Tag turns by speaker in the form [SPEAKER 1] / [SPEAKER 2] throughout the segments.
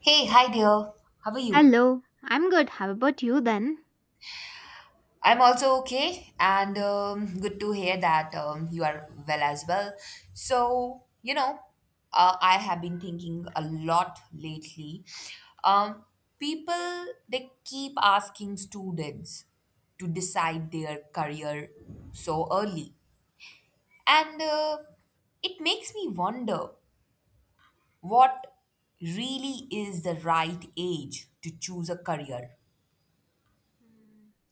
[SPEAKER 1] Hey, hi dear. How are you?
[SPEAKER 2] Hello, I'm good. How about you then?
[SPEAKER 1] I'm also okay, and good to hear that you are well as well. So, you know, I have been thinking a lot lately. Um, People, they keep asking students to decide their career so early. And It makes me wonder what really is the right age to choose a career.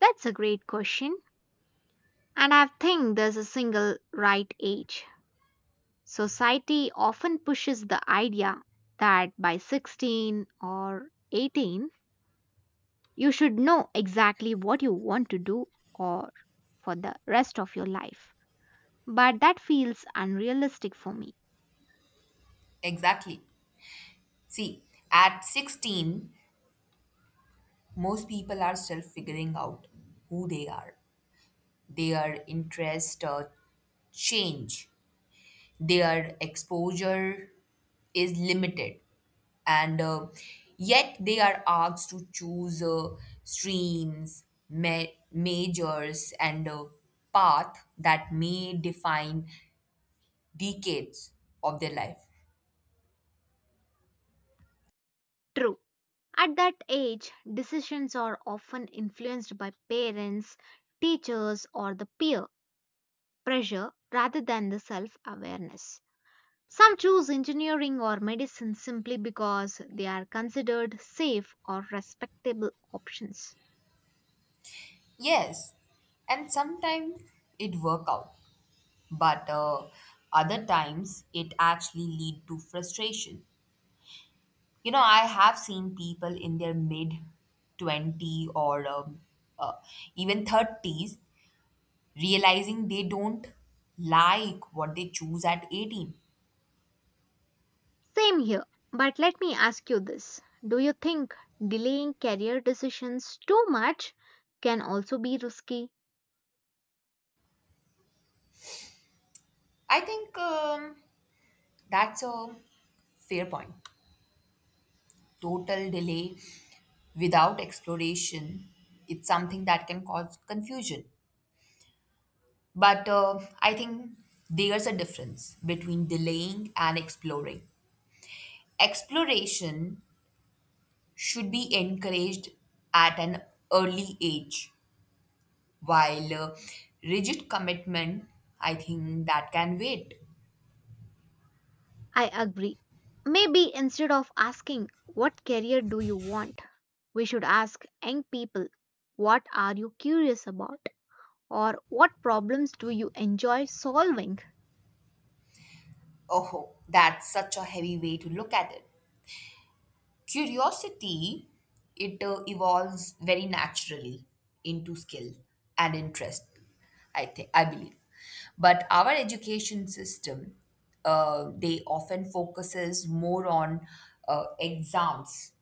[SPEAKER 2] That's a great question. And I think there's a single right age. Society often pushes the idea that by 16 or 18, you should know exactly what you want to do or for the rest of your life. But that feels unrealistic for me.
[SPEAKER 1] Exactly. See, at 16, most people are still figuring out who they are. Their interests change, their exposure is limited, and yet they are asked to choose streams, majors, and path that may define decades of their life.
[SPEAKER 2] True. At that age, decisions are often influenced by parents, teachers, or the peer pressure rather than the self awareness. Some choose engineering or medicine simply because they are considered safe or respectable options.
[SPEAKER 1] Yes, and sometimes it work out but other times it actually lead to frustration. You know, I have seen people in their mid 20s or uh, even 30s realizing they don't like what they choose at 18.
[SPEAKER 2] Same here, but let me ask you this. Do you think delaying career decisions too much can also be risky?
[SPEAKER 1] I think that's a fair point. Total delay without exploration, it's something that can cause confusion, but I think there's a difference between delaying and exploring. Exploration should be encouraged at an early age, while rigid commitment, I think that can wait.
[SPEAKER 2] I agree. Maybe instead of asking, "What career do you want?" we should ask young people, "What are you curious about?" or "What problems do you enjoy solving?"
[SPEAKER 1] Oh, that's such a heavy way to look at it. Curiosity, it evolves very naturally into skill and interest, I think, I believe. But our education system, they often focuses more on exams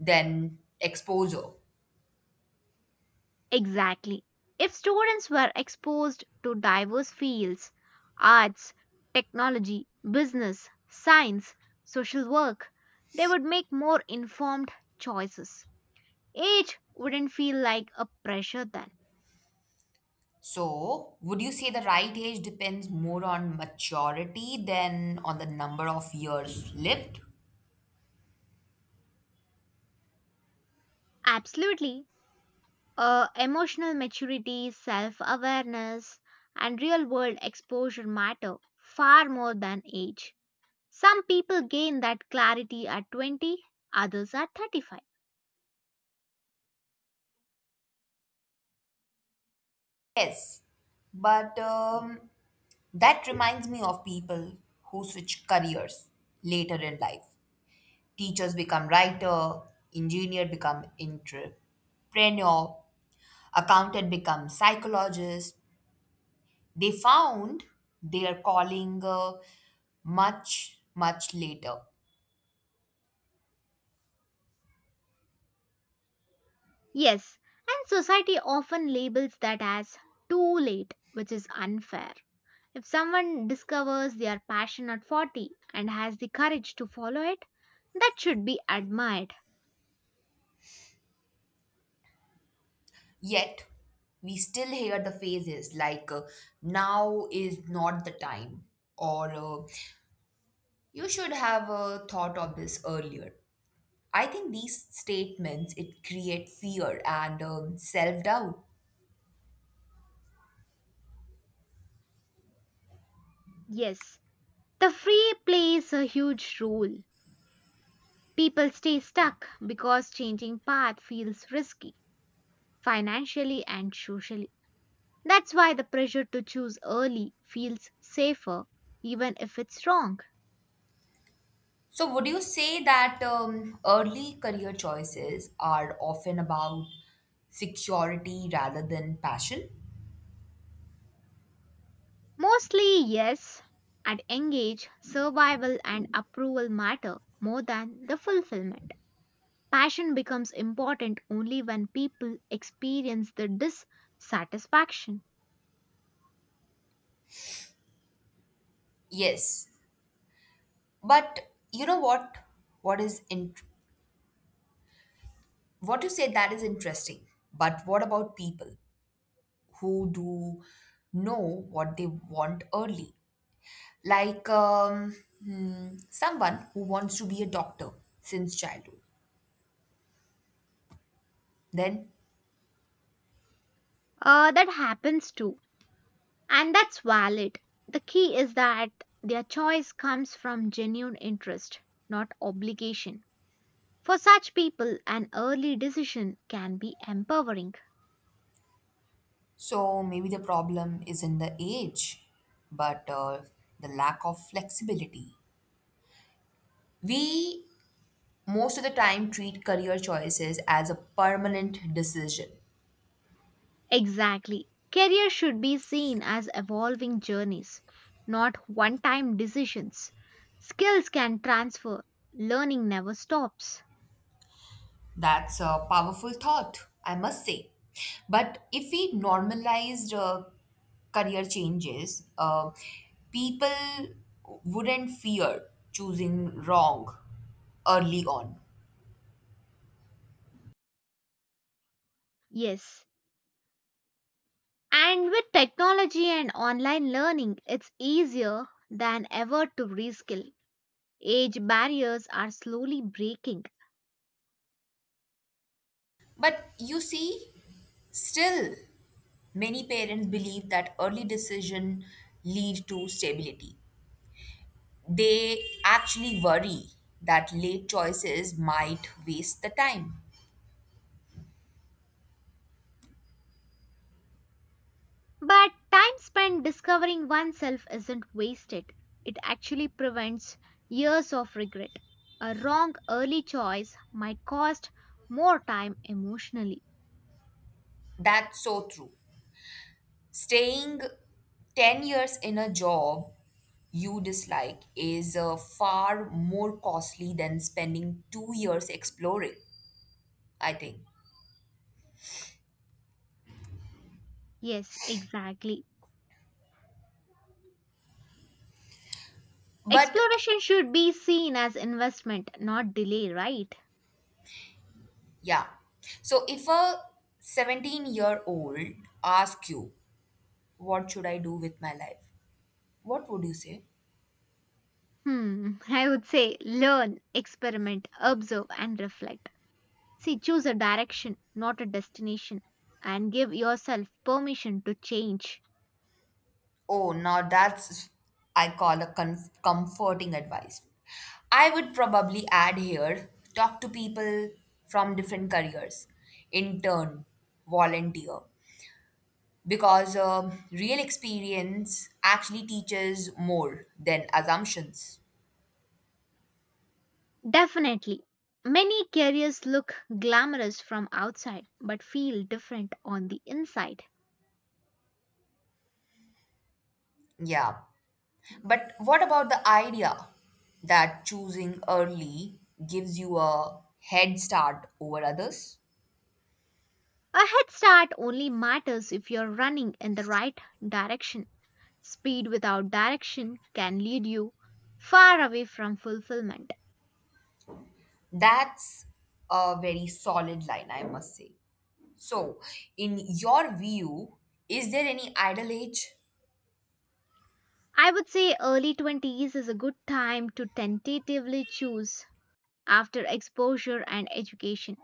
[SPEAKER 1] than exposure.
[SPEAKER 2] Exactly. If students were exposed to diverse fields, arts, technology, business, science, social work, they would make more informed choices. Age wouldn't feel like a pressure then.
[SPEAKER 1] So, would you say the right age depends more on maturity than on the number of years lived?
[SPEAKER 2] Absolutely. Emotional maturity, self awareness, and real world exposure matter far more than age. Some people gain that clarity at 20, others at 35.
[SPEAKER 1] Yes, but that reminds me of people who switch careers later in life. Teachers become writer, engineer become entrepreneur, accountant become psychologist. They found their calling much later.
[SPEAKER 2] Yes, and society often labels that as too late, which is unfair. If someone discovers their passion at 40 and has the courage to follow it, that should be admired.
[SPEAKER 1] Yet we still hear the phrases like now is not the time or you should have thought of this earlier. I think these statements it create fear and self doubt.
[SPEAKER 2] Yes, the free plays a huge role. People stay stuck because changing path feels risky, financially and socially. That's why the pressure to choose early feels safer, even if it's wrong.
[SPEAKER 1] So would you say that early career choices are often about security rather than passion?
[SPEAKER 2] Mostly, yes. At young age, survival and approval matter more than the fulfillment. Passion becomes important only when people experience the dissatisfaction.
[SPEAKER 1] Yes, but you know what? What is in What you say that is interesting. But what about people who do know what they want early? Like someone who wants to be a doctor since childhood. Then
[SPEAKER 2] That happens too, and that's valid. The key is that their choice comes from genuine interest, not obligation. For such people, an early decision can be empowering.
[SPEAKER 1] so maybe the problem isn't the age, but the lack of flexibility. We most of the time treat career choices as a permanent decision.
[SPEAKER 2] Exactly. Career should be seen as evolving journeys, not one time decisions. Skills can transfer, learning never stops.
[SPEAKER 1] That's a powerful thought, I must say. But if we normalized career changes, people wouldn't fear choosing wrong early on.
[SPEAKER 2] Yes. And with technology and online learning, it's easier than ever to reskill. Age barriers are slowly breaking.
[SPEAKER 1] But you see, still many parents believe that early decision lead to stability. They actually worry that late choices might waste the time.
[SPEAKER 2] But time spent discovering oneself isn't wasted. It actually prevents years of regret. A wrong early choice might cost more time emotionally.
[SPEAKER 1] That's so true. Staying 10 years in a job you dislike is far more costly than spending 2 years exploring, I think.
[SPEAKER 2] Yes, exactly.
[SPEAKER 1] But
[SPEAKER 2] Exploration should be seen as investment, not delay, right?
[SPEAKER 1] yeah. So if a 17-year-old asks you, what should I do with my life? What would you say?
[SPEAKER 2] I would say learn, experiment, observe, and reflect. See, choose a direction, not a destination, and give yourself permission to change.
[SPEAKER 1] Oh, now that's, I call a comforting advice. I would probably add here, talk to people from different careers, intern, volunteer, because real experience actually teaches more than assumptions.
[SPEAKER 2] Definitely. Many careers look glamorous from outside but feel different on the inside.
[SPEAKER 1] Yeah. But what about the idea that choosing early gives you a head start over others?
[SPEAKER 2] A head start only matters if you're running in the right direction. Speed without direction can lead you far away from fulfillment.
[SPEAKER 1] That's a very solid line, I must say. So, in your view, is there any ideal age?
[SPEAKER 2] I would say early 20s is a good time to tentatively choose after exposure and education,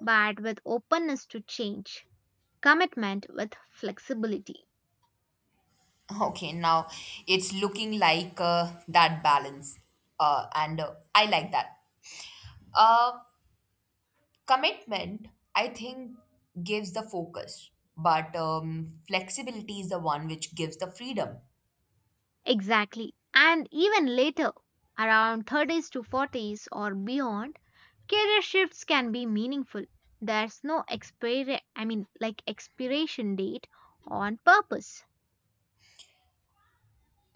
[SPEAKER 2] but with openness to change, commitment with flexibility.
[SPEAKER 1] Okay, now it's looking like that balance, and I like that. Uh, Commitment, I think, gives the focus, but flexibility is the one which gives the freedom.
[SPEAKER 2] Exactly. And even later, around 30s to 40s or beyond, career shifts can be meaningful. There's no expiration date on purpose.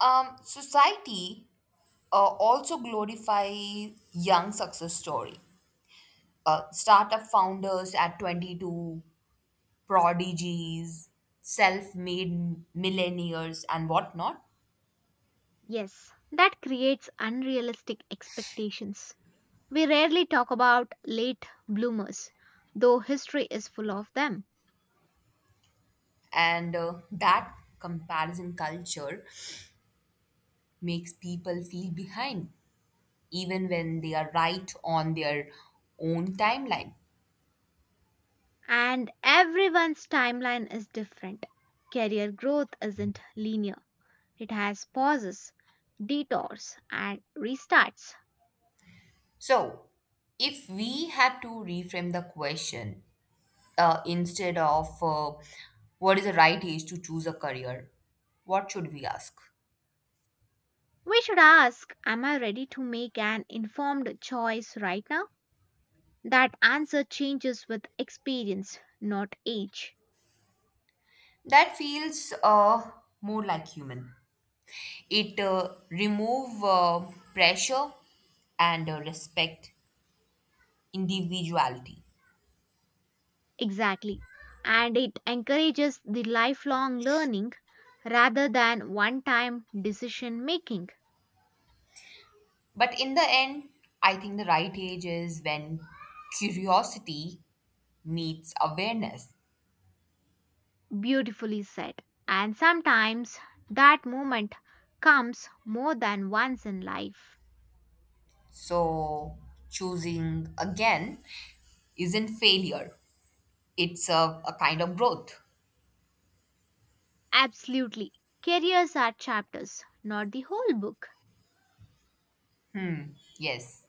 [SPEAKER 1] Society also glorify young success story, startup founders at 22, prodigies, self made millionaires, and whatnot.
[SPEAKER 2] Yes, that creates unrealistic expectations. We rarely talk about late bloomers, though history is full of them.
[SPEAKER 1] And That comparison culture makes people feel behind, even when they are right on their own timeline.
[SPEAKER 2] And everyone's timeline is different. Career growth isn't linear. It has pauses, detours, and restarts.
[SPEAKER 1] So, if we had to reframe the question, instead of what is the right age to choose a career, what should we ask?
[SPEAKER 2] We should ask, "Am I ready to make an informed choice right now?" That answer changes with experience, not age.
[SPEAKER 1] That feels more like human. It remove pressure and respect individuality.
[SPEAKER 2] Exactly. And it encourages the lifelong learning rather than one time decision making.
[SPEAKER 1] But in the end, I think the right age is when curiosity meets awareness.
[SPEAKER 2] Beautifully said. And sometimes that moment comes more than once in life.
[SPEAKER 1] So choosing again isn't failure. It's a kind of growth.
[SPEAKER 2] Absolutely. Careers are chapters, not the whole book.
[SPEAKER 1] Yes.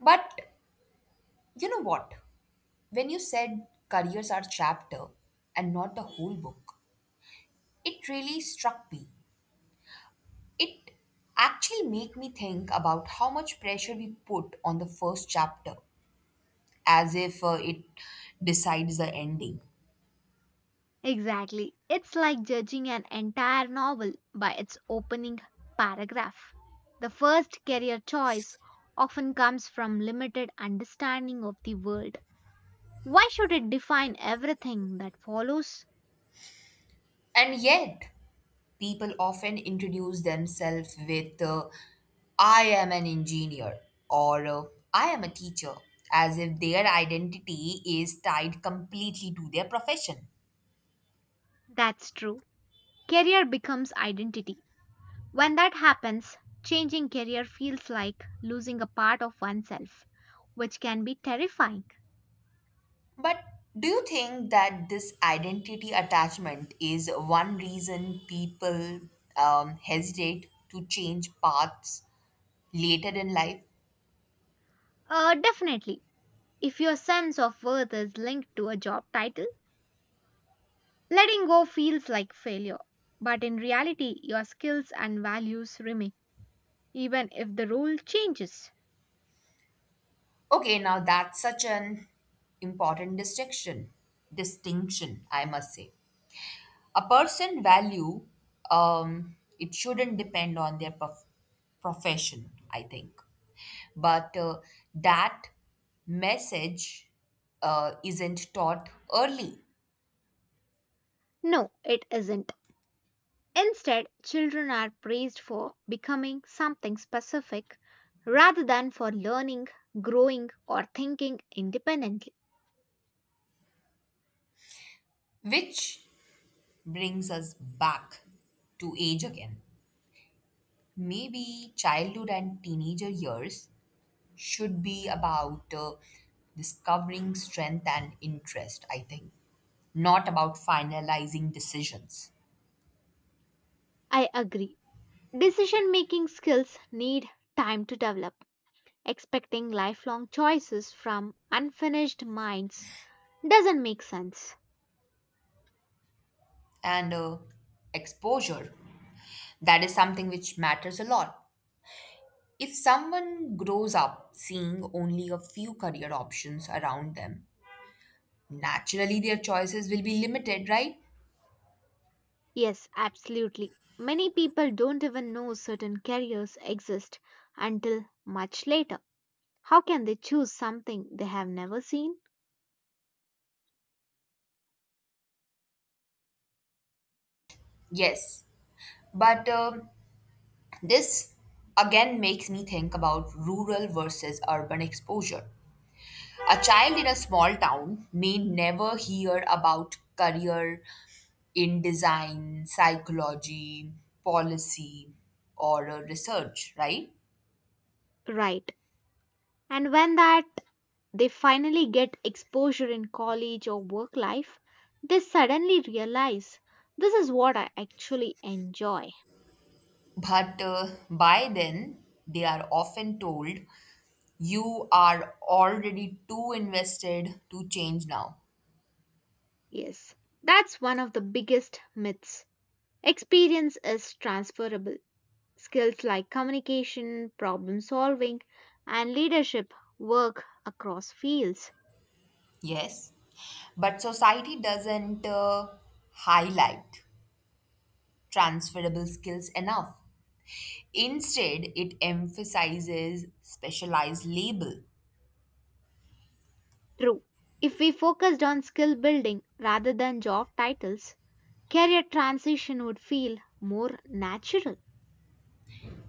[SPEAKER 1] But you know what? When you said careers are chapter and not the whole book, it really struck me. It actually made me think about how much pressure we put on the first chapter, as if it decides the ending.
[SPEAKER 2] Exactly. It's like judging an entire novel by its opening paragraph. The first career choice often comes from limited understanding of the world. Why should it define everything that follows?
[SPEAKER 1] And yet, people often introduce themselves with I am an engineer or I am a teacher, as if their identity is tied completely to their profession.
[SPEAKER 2] That's true. Career becomes identity. When that happens, changing career feels like losing a part of oneself, which can be terrifying.
[SPEAKER 1] But do you think that this identity attachment is one reason people hesitate to change paths later in life?
[SPEAKER 2] Definitely. If your sense of worth is linked to a job title, letting go feels like failure. But in reality, your skills and values remain, even if the role changes.
[SPEAKER 1] Okay, now that's such an important distinction. Distinction, I must say. A person value, it shouldn't depend on their profession, I think, but that message isn't taught early.
[SPEAKER 2] No, it isn't. Instead, children are praised for becoming something specific rather than for learning, growing, or thinking independently.
[SPEAKER 1] Which brings us back to age again. Maybe childhood and teenager years should be about discovering strength and interest, I think, not about finalizing decisions.
[SPEAKER 2] I agree. Decision making skills need time to develop. Expecting lifelong choices from unfinished minds doesn't make sense.
[SPEAKER 1] And Exposure, that is something which matters a lot. If someone grows up seeing only a few career options around them, naturally their choices will be limited, right?
[SPEAKER 2] Yes, absolutely. Many people don't even know certain careers exist until much later. How can they choose something they have never seen?
[SPEAKER 1] Yes, but this again makes me think about rural versus urban exposure. A child in a small town may never hear about career in design, psychology, policy, or research, right?
[SPEAKER 2] Right. And when that they finally get exposure in college or work life, they suddenly realize this is what I actually enjoy.
[SPEAKER 1] But by then, they are often told you are already too invested to change now.
[SPEAKER 2] Yes. That's one of the biggest myths. Experience is transferable. Skills like communication, problem solving, and leadership work across fields.
[SPEAKER 1] Yes, but society doesn't highlight transferable skills enough. Instead, it emphasizes specialized label.
[SPEAKER 2] True. If we focused on skill building rather than job titles, career transition would feel more natural.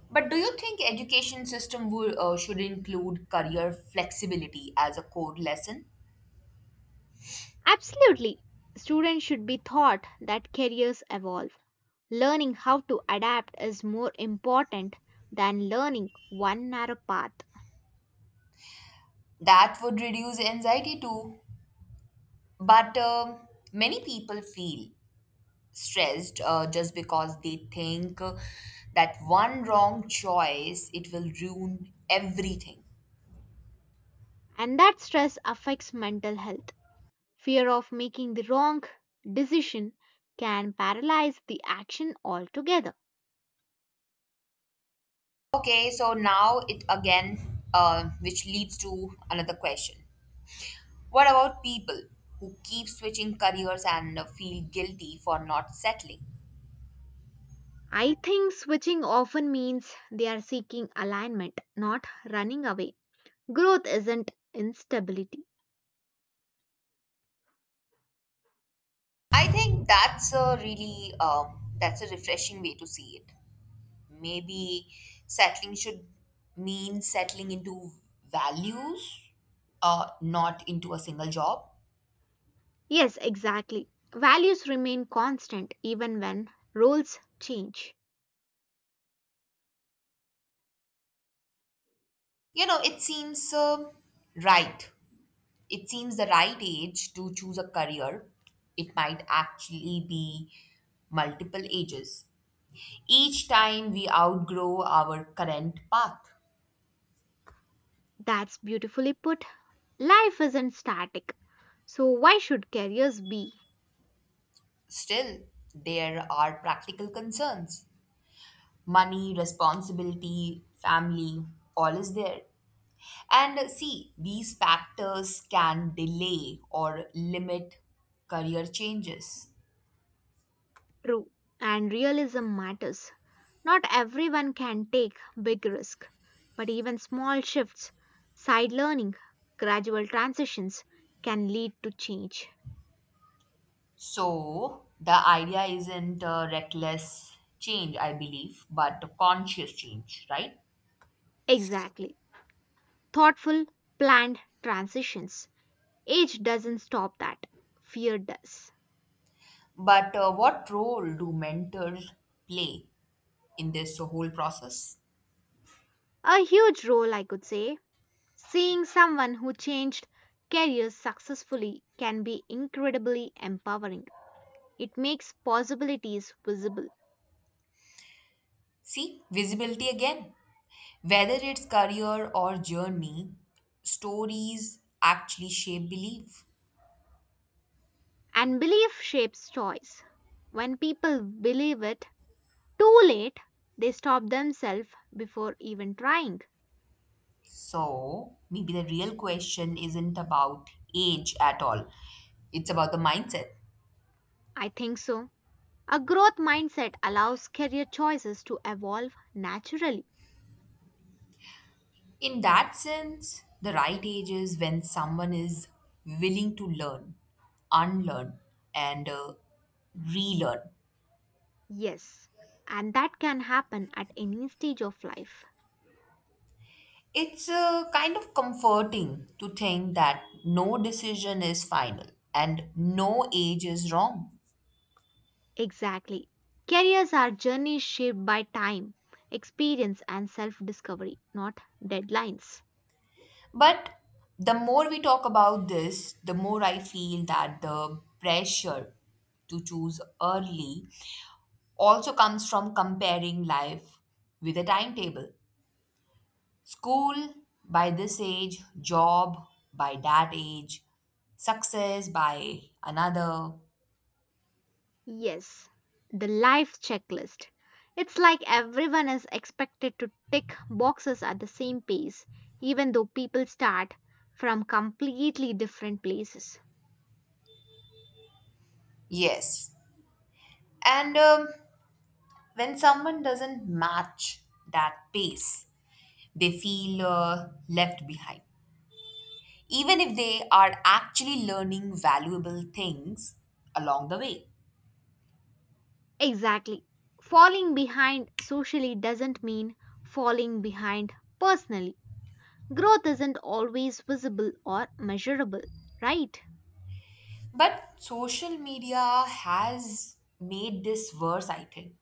[SPEAKER 1] But do you think education system would, should include career flexibility as a core lesson?
[SPEAKER 2] Absolutely. Students should be taught that careers evolve. Learning how to adapt is more important than learning one narrow path,
[SPEAKER 1] That would reduce anxiety too. But many people feel stressed just because they think that one wrong choice it will ruin everything.
[SPEAKER 2] and that stress affects mental health. Fear of making the wrong decision can paralyze the action altogether.
[SPEAKER 1] Okay, so now it again, which leads to another question. What about people who keep switching careers and feel guilty for not settling?
[SPEAKER 2] I think switching often means they are seeking alignment, not running away. Growth isn't instability.
[SPEAKER 1] I think that's a really that's a refreshing way to see it. Maybe settling should mean settling into values, not into a single job.
[SPEAKER 2] Yes, exactly. Values remain constant even when roles change.
[SPEAKER 1] You know, it seems right it seems the right age to choose a career. It might actually be multiple ages. Each time we outgrow our current path.
[SPEAKER 2] That's beautifully put. Life isn't static. So, why should careers be?
[SPEAKER 1] Still, there are practical concerns: money, responsibility, family, all is there. And see, these factors can delay or limit career changes.
[SPEAKER 2] True. And realism matters. Not everyone can take big risk, but even small shifts, side learning, gradual transitions can lead to change.
[SPEAKER 1] So the idea isn't reckless change, I believe, but a conscious change, right?
[SPEAKER 2] Exactly. Thoughtful, planned transitions. Age doesn't stop that. Fear does.
[SPEAKER 1] But what role do mentors play in this whole process?
[SPEAKER 2] A huge role, I could say. Seeing someone who changed careers successfully can be incredibly empowering. It makes possibilities visible.
[SPEAKER 1] See, visibility again. Whether it's career or journey, stories actually shape belief.
[SPEAKER 2] And belief shapes choice. When people believe it, "Too late," they stop themselves before even trying.
[SPEAKER 1] So maybe the real question isn't about age at all, it's about the mindset.
[SPEAKER 2] I think so. A growth mindset allows career choices to evolve naturally.
[SPEAKER 1] In that sense, the right age is when someone is willing to learn, unlearn, and relearn.
[SPEAKER 2] Yes, and that can happen at any stage of life.
[SPEAKER 1] It's kind of comforting to think that no decision is final and no age is wrong.
[SPEAKER 2] Exactly. Careers are journeys shaped by time, experience, and self discovery, not deadlines.
[SPEAKER 1] But the more we talk about this, the more I feel that the pressure to choose early also comes from comparing life with a timetable. School by this age, job by that age, success by another.
[SPEAKER 2] Yes, the life checklist. It's like everyone is expected to tick boxes at the same pace, even though people start from completely different places.
[SPEAKER 1] Yes. And when someone doesn't match that pace, they feel left behind, even if they are actually learning valuable things along the way.
[SPEAKER 2] Exactly. Falling behind socially doesn't mean falling behind personally. Growth isn't always visible or measurable, right?
[SPEAKER 1] But social media has made this worse, I think.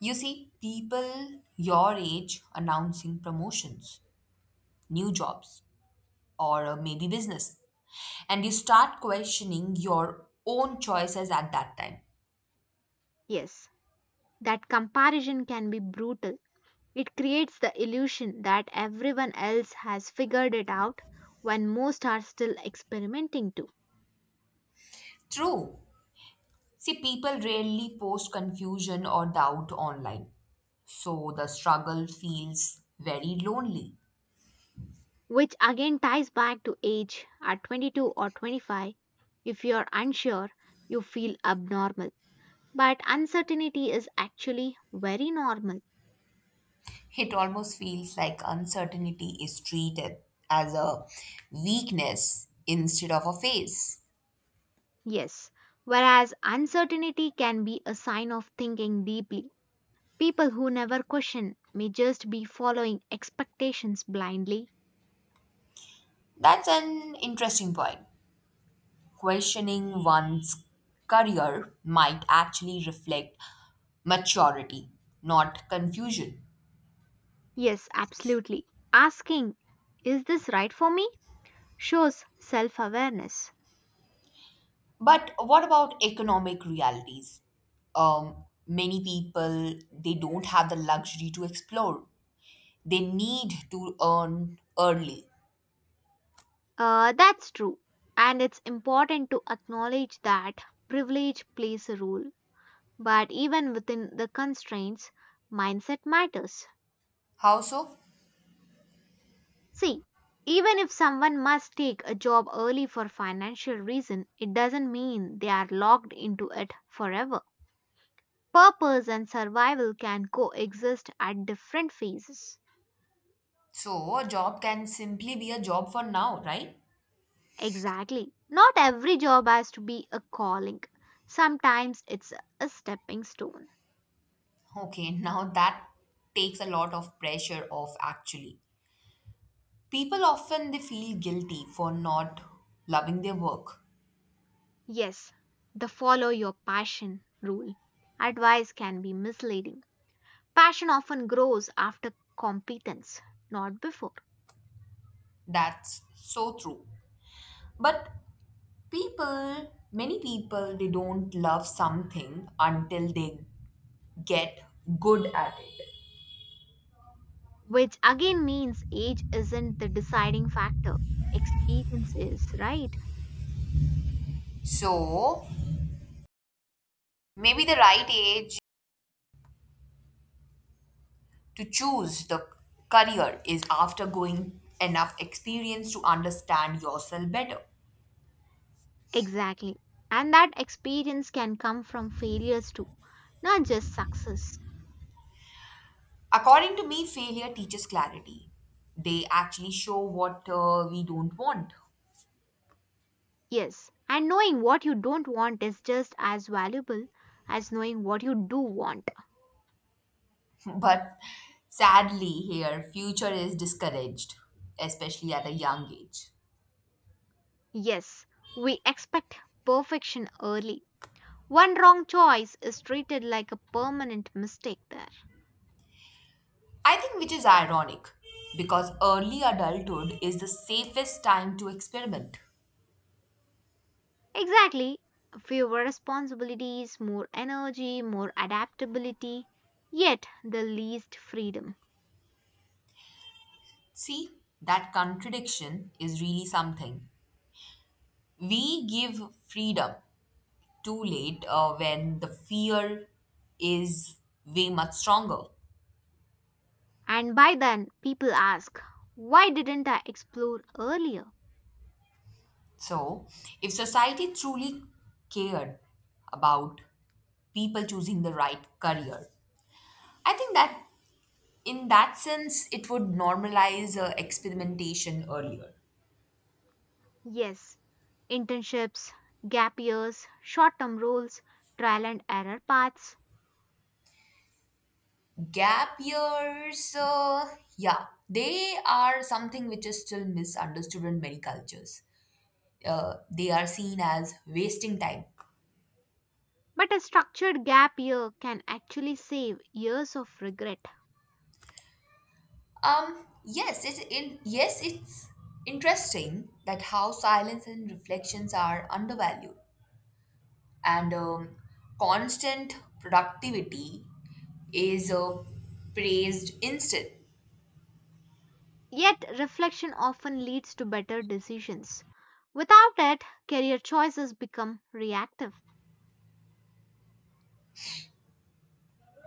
[SPEAKER 1] You see, people your age announcing promotions, new jobs, or maybe business. And you start questioning your own choices at that time.
[SPEAKER 2] Yes, that comparison can be brutal. It creates the illusion that everyone else has figured it out when most are still experimenting too.
[SPEAKER 1] True. See, people rarely post confusion or doubt online. So the struggle feels very lonely.
[SPEAKER 2] Which again ties back to age at 22 or 25. If you're unsure, you feel abnormal. But uncertainty is actually very normal.
[SPEAKER 1] It almost feels like uncertainty is treated as a weakness instead of a phase.
[SPEAKER 2] Yes, whereas uncertainty can be a sign of thinking deeply. People who never question may just be following expectations blindly.
[SPEAKER 1] That's an interesting point. Questioning one's career might actually reflect maturity, not confusion.
[SPEAKER 2] Yes, absolutely. Asking, "Is this right for me?" shows self awareness.
[SPEAKER 1] But what about economic realities? Many people they don't have the luxury to explore. They need to earn early.
[SPEAKER 2] That's true. And it's important to acknowledge that privilege plays a role. But even within the constraints, mindset matters.
[SPEAKER 1] How so?
[SPEAKER 2] See, even if someone must take a job early for financial reason, it doesn't mean they are locked into it forever. Purpose and survival can coexist at different phases.
[SPEAKER 1] So a job can simply be a job for now, right?
[SPEAKER 2] Exactly. Not every job has to be a calling. Sometimes it's a stepping stone.
[SPEAKER 1] Okay, now that takes a lot of pressure off actually. People often they feel guilty for not loving their work.
[SPEAKER 2] Yes, the follow your passion rule. Advice can be misleading. Passion often grows after competence, not before.
[SPEAKER 1] That's so true. But people, many people they don't love something until they get good at it.
[SPEAKER 2] Which again means age isn't the deciding factor. Experience is, right?
[SPEAKER 1] So, maybe the right age to choose the career is after going enough experience to understand yourself better.
[SPEAKER 2] Exactly. And that experience can come from failures too, not just success.
[SPEAKER 1] According to me, failure teaches clarity. They actually show what we don't want.
[SPEAKER 2] Yes, and knowing what you don't want is just as valuable as knowing what you do want.
[SPEAKER 1] But sadly, here, future is discouraged, especially at a young age.
[SPEAKER 2] Yes, we expect perfection early. One wrong choice is treated like a permanent mistake there.
[SPEAKER 1] I think which is ironic because early adulthood is the safest time to experiment.
[SPEAKER 2] Exactly. Fewer responsibilities, more energy, more adaptability, yet the least freedom.
[SPEAKER 1] See, that contradiction is really something. We give freedom too late when the fear is way much stronger.
[SPEAKER 2] And by then, people ask, why didn't I explore earlier?
[SPEAKER 1] So, if society truly cared about people choosing the right career, I think that in that sense, it would normalize experimentation earlier.
[SPEAKER 2] Yes, internships, gap years, short term roles, trial and error paths.
[SPEAKER 1] Gap years, yeah, they are something which is still misunderstood in many cultures. They are seen as wasting time.
[SPEAKER 2] But a structured gap year can actually save years of regret.
[SPEAKER 1] Yes, it's interesting that how silence and reflections are undervalued, and constant productivity is praised instead.
[SPEAKER 2] Yet, reflection often leads to better decisions. Without it, career choices become reactive.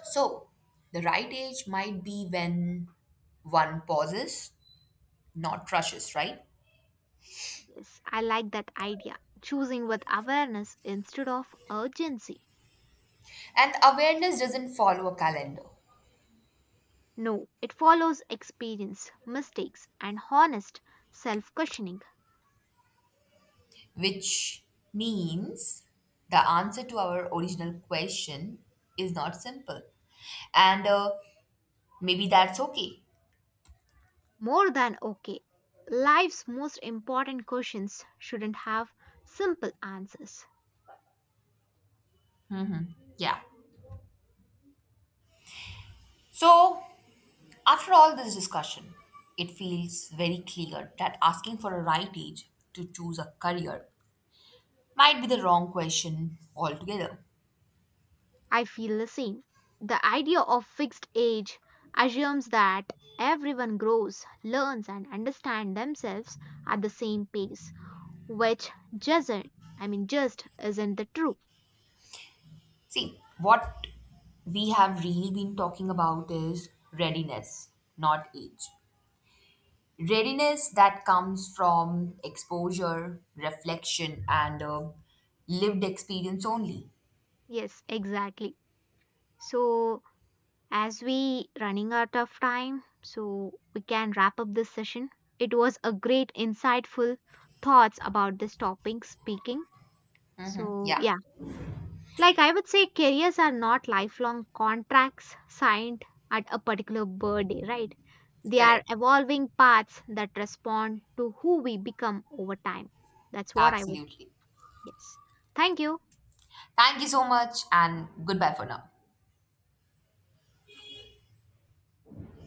[SPEAKER 1] So, the right age might be when one pauses, not rushes, right?
[SPEAKER 2] Yes, I like that idea. Choosing with awareness instead of urgency.
[SPEAKER 1] And awareness doesn't follow a calendar,
[SPEAKER 2] No, it follows experience, mistakes, and honest self questioning.
[SPEAKER 1] which means the answer to our original question is not simple. And maybe that's okay.
[SPEAKER 2] More than okay. Life's most important questions shouldn't have simple answers.
[SPEAKER 1] Yeah. So, after all this discussion, it feels very clear that asking for a right age to choose a career might be the wrong question altogether.
[SPEAKER 2] I feel the same. The idea of fixed age assumes that everyone grows, learns, and understands themselves at the same pace, which doesn't, I mean, just isn't the truth.
[SPEAKER 1] See, what we have really been talking about is readiness, not age. Readiness that comes from exposure, reflection, and lived experience only.
[SPEAKER 2] Yes, exactly. So, as we running out of time, so we can wrap up this session. It was a great insightful thoughts about this topic speaking. So
[SPEAKER 1] Yeah,
[SPEAKER 2] yeah, like I would say careers are not lifelong contracts signed at a particular birthday, right? They are
[SPEAKER 1] correct.
[SPEAKER 2] evolving paths that respond to who we become over time. That's what I would,
[SPEAKER 1] Absolutely.
[SPEAKER 2] yes. Thank you.
[SPEAKER 1] Thank you so much, and goodbye for now.